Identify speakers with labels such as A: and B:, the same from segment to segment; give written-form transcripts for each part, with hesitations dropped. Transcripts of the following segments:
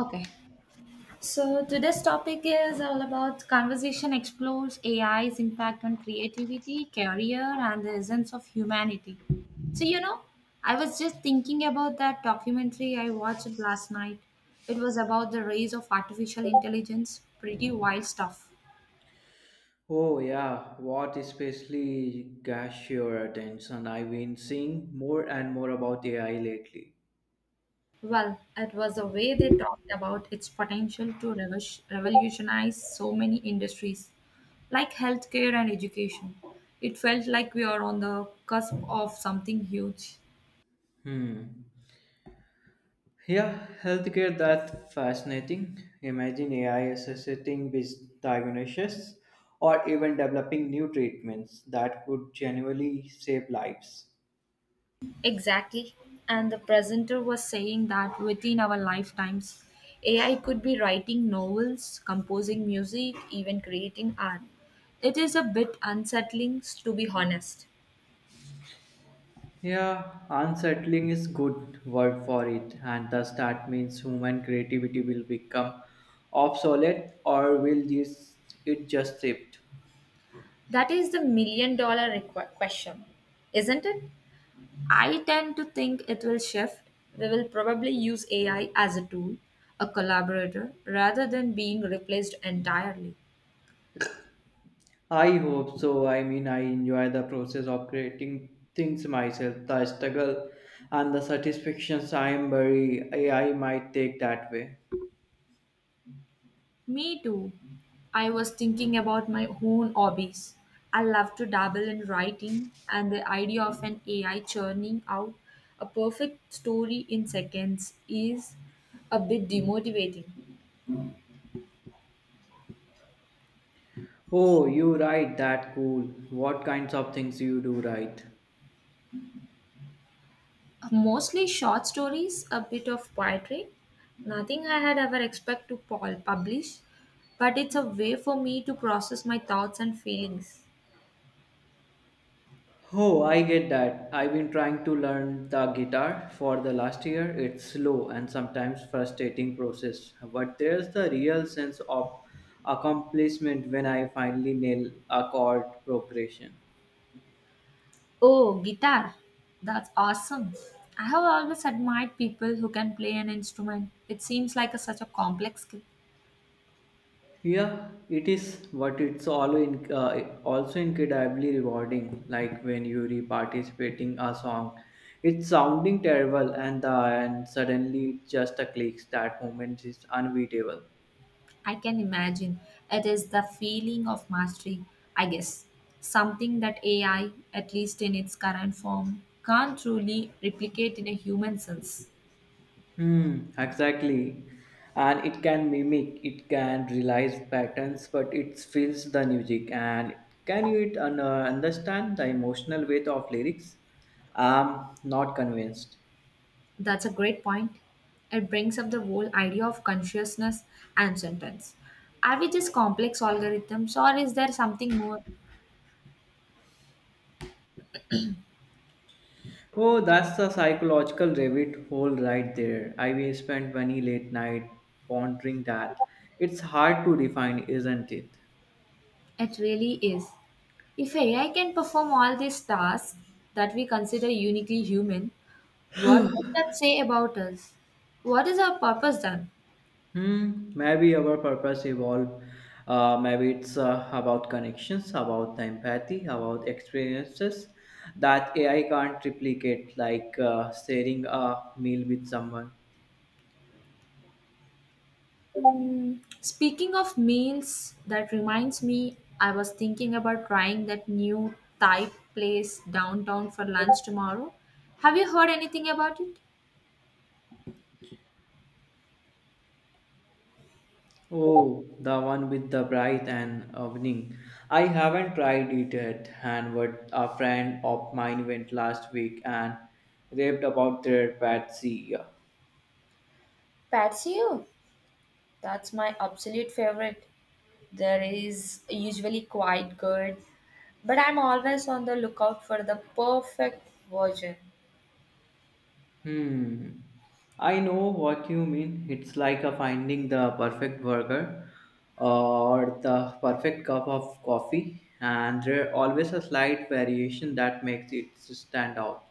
A: Okay. So today's topic is all about conversation explores AI's impact on creativity, career, and the essence of humanity. So, you know, I was just thinking about that documentary I watched last night. It was about the rise of artificial intelligence. Pretty wild stuff.
B: Oh yeah, what especially catch your attention? I've been seeing more and more about AI lately.
A: Well, it was the way they talked about its potential to revolutionize so many industries, like healthcare and education. It felt like we are on the cusp of something huge.
B: Hmm. Yeah, healthcare that fascinating. Imagine AI assisting with diagnosis or even developing new treatments that could genuinely save lives.
A: Exactly. And the presenter was saying that within our lifetimes, AI could be writing novels, composing music, even creating art. It is a bit unsettling, to be honest.
B: Yeah, unsettling is good word for it, and thus that means human creativity will become obsolete or will this it just shift?
A: That is the million dollar question, isn't it? I tend to think it will shift. We will probably use AI as a tool, a collaborator, rather than being replaced entirely.
B: I hope so. I mean, I enjoy the process of creating things myself, the struggle and the satisfactions I am very I might take that way.
A: Me too. I was thinking about my own hobbies. I love to dabble in writing, and the idea of an AI churning out a perfect story in seconds is a bit demotivating.
B: Oh, you write that cool. What kinds of things you do write?
A: Mostly short stories, a bit of poetry. Nothing I had ever expect to publish, but it's a way for me to process my thoughts and feelings.
B: Oh, I get that. I've been trying to learn the guitar for the last year. It's slow and sometimes frustrating process, but there's the real sense of accomplishment when I finally nail a chord progression.
A: Oh, guitar. That's awesome. I have always admired people who can play an instrument. It seems like such a complex skill.
B: Yeah, it is, but it's all in, also incredibly rewarding. Like when you re participating a song, it's sounding terrible, and suddenly it just a clicks. That moment is unbeatable.
A: I can imagine. It is the feeling of mastery, I guess. Something that AI, at least in its current form, can't truly replicate in a human sense.
B: Hmm, exactly. And it can mimic, it can realize patterns, but it feels the music. And can you understand the emotional weight of lyrics? I'm not convinced.
A: That's a great point. It brings up the whole idea of consciousness and sentence. Are we just complex algorithms or is there something more?
B: Oh, that's the psychological rabbit hole right there. I will spend many late night pondering that. It's hard to define, isn't it?
A: It really is. If AI can perform all these tasks that we consider uniquely human, what does that say about us? What is our purpose then?
B: Hmm. Maybe our purpose evolved. Maybe it's about connections, about the empathy, about experiences that AI can't replicate, like sharing a meal with someone.
A: Mm, speaking of meals, that reminds me, I was thinking about trying that new Thai place downtown for lunch tomorrow. Have you heard anything about it?
B: Oh, the one with the bright and evening. I haven't tried it yet, and what a friend of mine went last week and raved about their patsy.
A: Patsy, oh, that's my absolute favorite. There is usually quite good, but I'm always on the lookout for the perfect version.
B: Hmm. I know what you mean. It's like a finding the perfect burger or the perfect cup of coffee, and there always a slight variation that makes it stand out.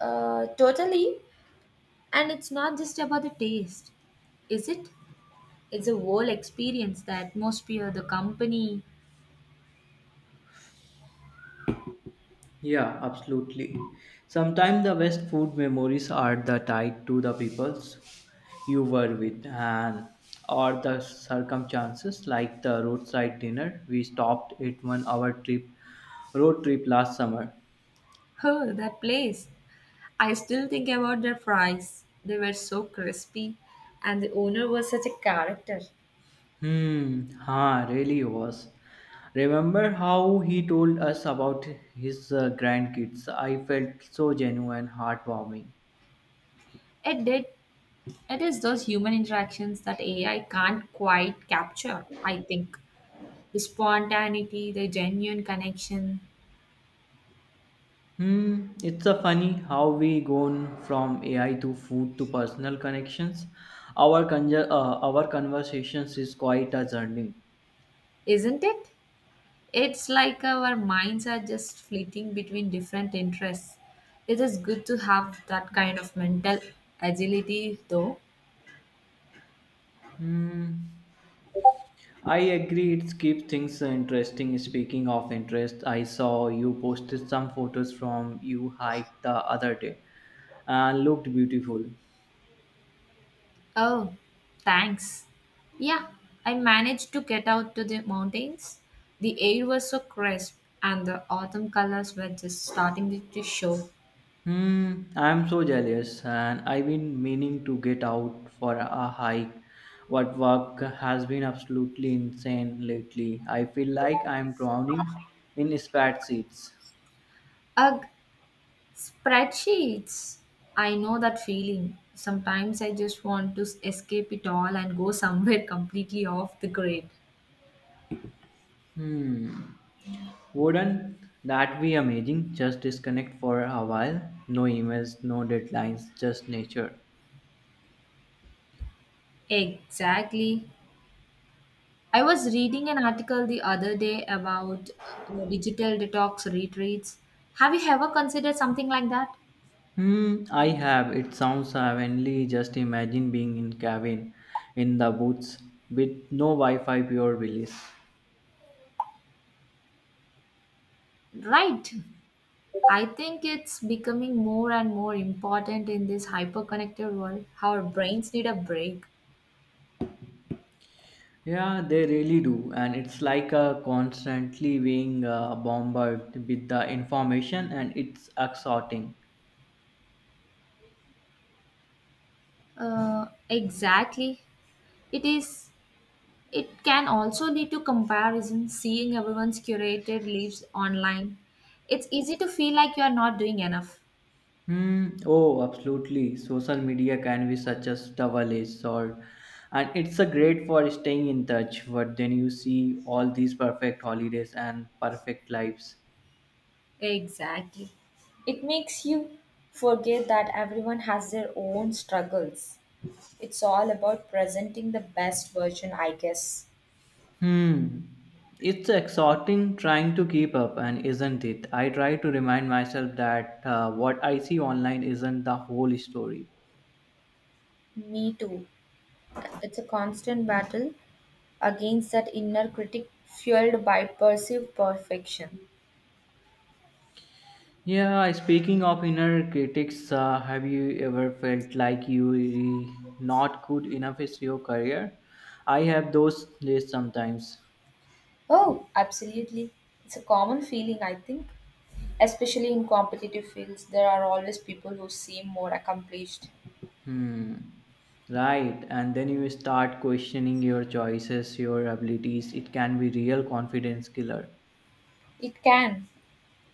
A: Totally, and it's not just about the taste, is it? It's a whole experience, the atmosphere, the company.
B: Yeah, absolutely. Sometimes the best food memories are the tied to the peoples you were with and or the circumstances like the roadside dinner we stopped at 1 hour trip road trip last summer.
A: Oh, that place. I still think about their fries. They were so crispy, and the owner was such a character.
B: Hmm, ha, really was. Remember how he told us about his grandkids? I felt so genuine, heartwarming.
A: It did. It is those human interactions that AI can't quite capture, I think. The spontaneity, the genuine connection,
B: Hmm, it's a funny how we gone from AI to food to personal connections. Our conversations is quite a journey.
A: isn't it? It's like our minds are just fleeting between different interests. It is good to have that kind of mental agility, though.
B: Hmm, I agree. It keeps things interesting. Speaking of interest, I saw you posted some photos from you hike the other day, and looked beautiful.
A: Oh, thanks. Yeah, I managed to get out to the mountains. The air was so crisp, and the autumn colors were just starting to show.
B: Hmm, I'm so jealous, and I've been meaning to get out for a hike. What work has been absolutely insane lately. I feel like I'm drowning in spad seats.
A: Ugh, spreadsheets. I know that feeling. Sometimes I just want to escape it all and go somewhere completely off the grid.
B: Hmm, wouldn't that be amazing? Just disconnect for a while. No emails, no deadlines, just nature.
A: Exactly. I was reading an article the other day about digital detox retreats. Have you ever considered something like that?
B: Hmm, I have. It sounds heavenly. Just imagine being in cabin, in the woods, with no Wi-Fi, pure bliss.
A: Right. I think it's becoming more and more important in this hyperconnected world. Our brains need a break.
B: Yeah, they really do. And it's like a constantly being bombarded with the information and it's exhausting.
A: Exactly. It is It can also lead to comparison, seeing everyone's curated lives online. It's easy to feel like you are not doing enough.
B: Hmm. Oh, absolutely. Social media can be such a double-edged sword. And it's a great for staying in touch, but then you see all these perfect holidays and perfect lives.
A: Exactly. It makes you forget that everyone has their own struggles. It's all about presenting the best version, I guess.
B: Hmm. It's exhausting trying to keep up, and isn't it? I try to remind myself that what I see online isn't the whole story.
A: Me too. It's a constant battle against that inner critic fueled by perceived perfection.
B: Yeah, speaking of inner critics, have you ever felt like not good enough is your career? I have those days sometimes.
A: Oh, absolutely. It's a common feeling, I think. Especially in competitive fields, there are always people who seem more accomplished.
B: Hmm. Right, and then you start questioning your choices, your abilities. It can be real confidence killer.
A: It can,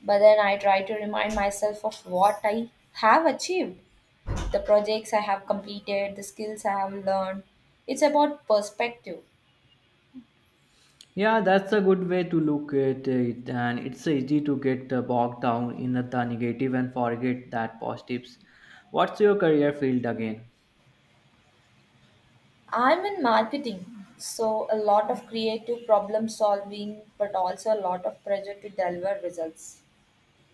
A: but then I try to remind myself of what I have achieved, the projects I have completed, the skills I have learned. It's about perspective.
B: Yeah, that's a good way to look at it, and it's easy to get bogged down in the negative and forget that positives. What's your career field again?
A: I'm in marketing, so a lot of creative problem solving, but also a lot of pressure to deliver results.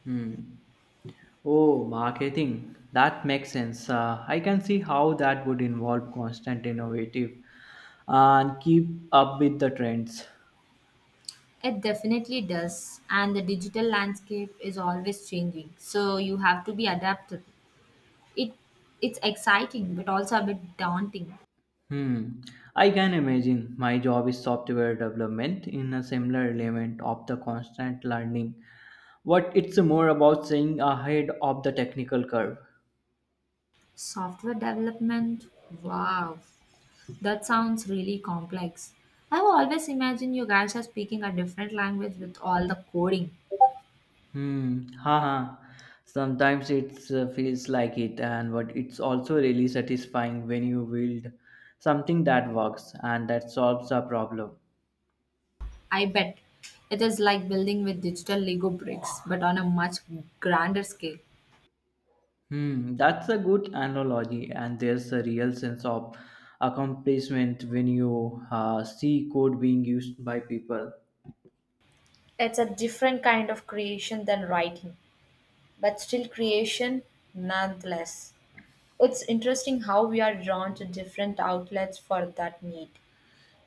B: Hmm. Oh, marketing. That makes sense. I can see how that would involve constant innovative and keep up with the trends.
A: It definitely does, and the digital landscape is always changing, so you have to be adaptable. It it's exciting but also a bit daunting.
B: Hmm. I can imagine my job is software development in a similar element of the constant learning. What it's more about staying ahead of the technical curve.
A: Software development, wow, that sounds really complex. I've always imagined you guys are speaking a different language with all the coding.
B: Hmm. Haha. Sometimes it feels like it, and but it's also really satisfying when you build something that works and that solves a problem.
A: I bet it is like building with digital Lego bricks, but on a much grander scale.
B: Hmm. That's a good analogy, and there's a real sense of accomplishment when you see code being used by people.
A: It's a different kind of creation than writing, but still creation nonetheless. It's interesting how we are drawn to different outlets for that need.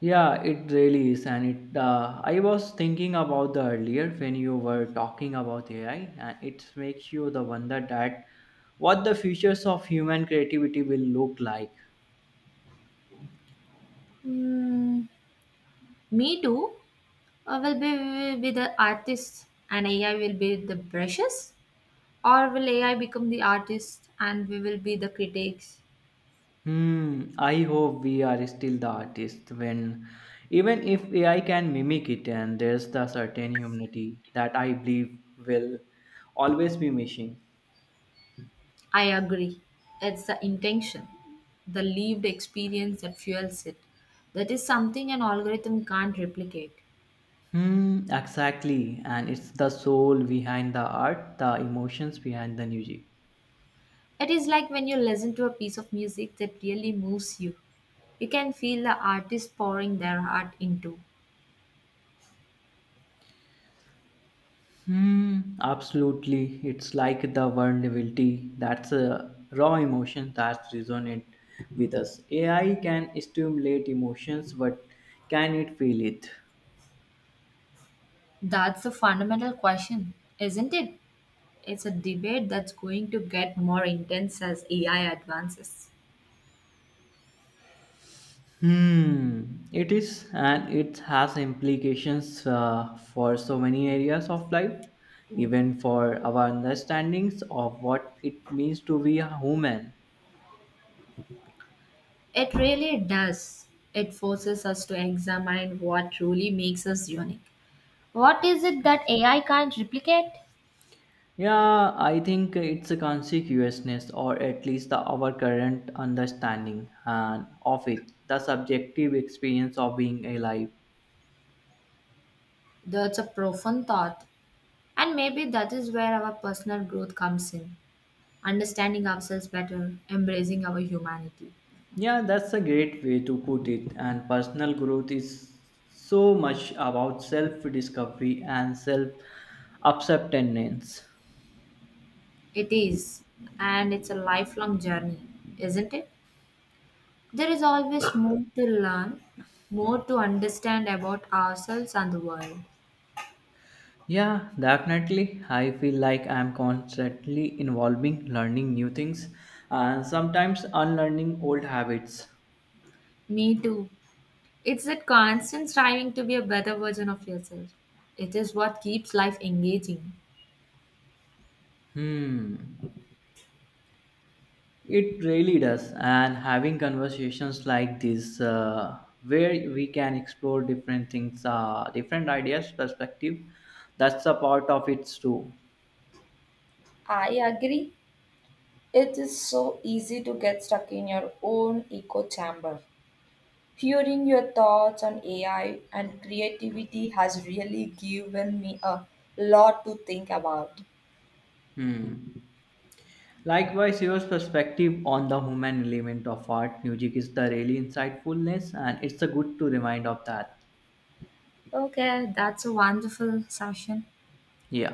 B: Yeah, it really is, and it. I was thinking about the earlier when you were talking about AI, and it makes you the wonder that what the futures of human creativity will look like.
A: Mm, me too. I will be Will be the artist and AI will be the brushes, or will AI become the artist and we will be the critics?
B: Hmm. I hope we are still the artist when, even if AI can mimic it, and there's the certain humanity that I believe will always be missing.
A: I agree. It's the intention, the lived experience that fuels it. That is something an algorithm can't replicate.
B: Hmm. Exactly, and it's the soul behind the art, the emotions behind the music.
A: It is like when you listen to a piece of music that really moves you. You can feel the artist pouring their heart into.
B: Hmm, absolutely. It's like the vulnerability. That's a raw emotion that resonate with us. AI can stimulate emotions, but can it feel it?
A: That's the fundamental question, isn't it? It's a debate that's going to get more intense as AI advances.
B: Hmm, it is, and it has implications for so many areas of life,
A: Mm.
B: even for our understandings of what it means to be a human.
A: It really does. It forces us to examine what truly makes us unique. What is it that AI can't replicate?
B: Yeah, I think it's a conspicuousness, or at least the, our current understanding and of it, the subjective experience of being alive.
A: That's a profound thought, and maybe that is where our personal growth comes in. Understanding ourselves better, embracing our humanity.
B: Yeah, that's a great way to put it. And personal growth is so much about self discovery and self acceptance.
A: It is, and it's a lifelong journey, isn't it? There is always more to learn, more to understand about ourselves and the world.
B: Yeah, definitely. I feel like I'm constantly involving learning new things and sometimes unlearning old habits.
A: Me too. It's that constant striving to be a better version of yourself. It is what keeps life engaging.
B: Hmm. It really does, and having conversations like this, where we can explore different things, different ideas, perspective, that's a part of it too.
A: I agree. It is so easy to get stuck in your own echo chamber. Hearing your thoughts on AI and creativity has really given me a lot to think about.
B: Hmm. Likewise, your perspective on the human element of art, music is the really insightfulness, and it's a good to remind of that.
A: Okay, that's a wonderful session.
B: Yeah.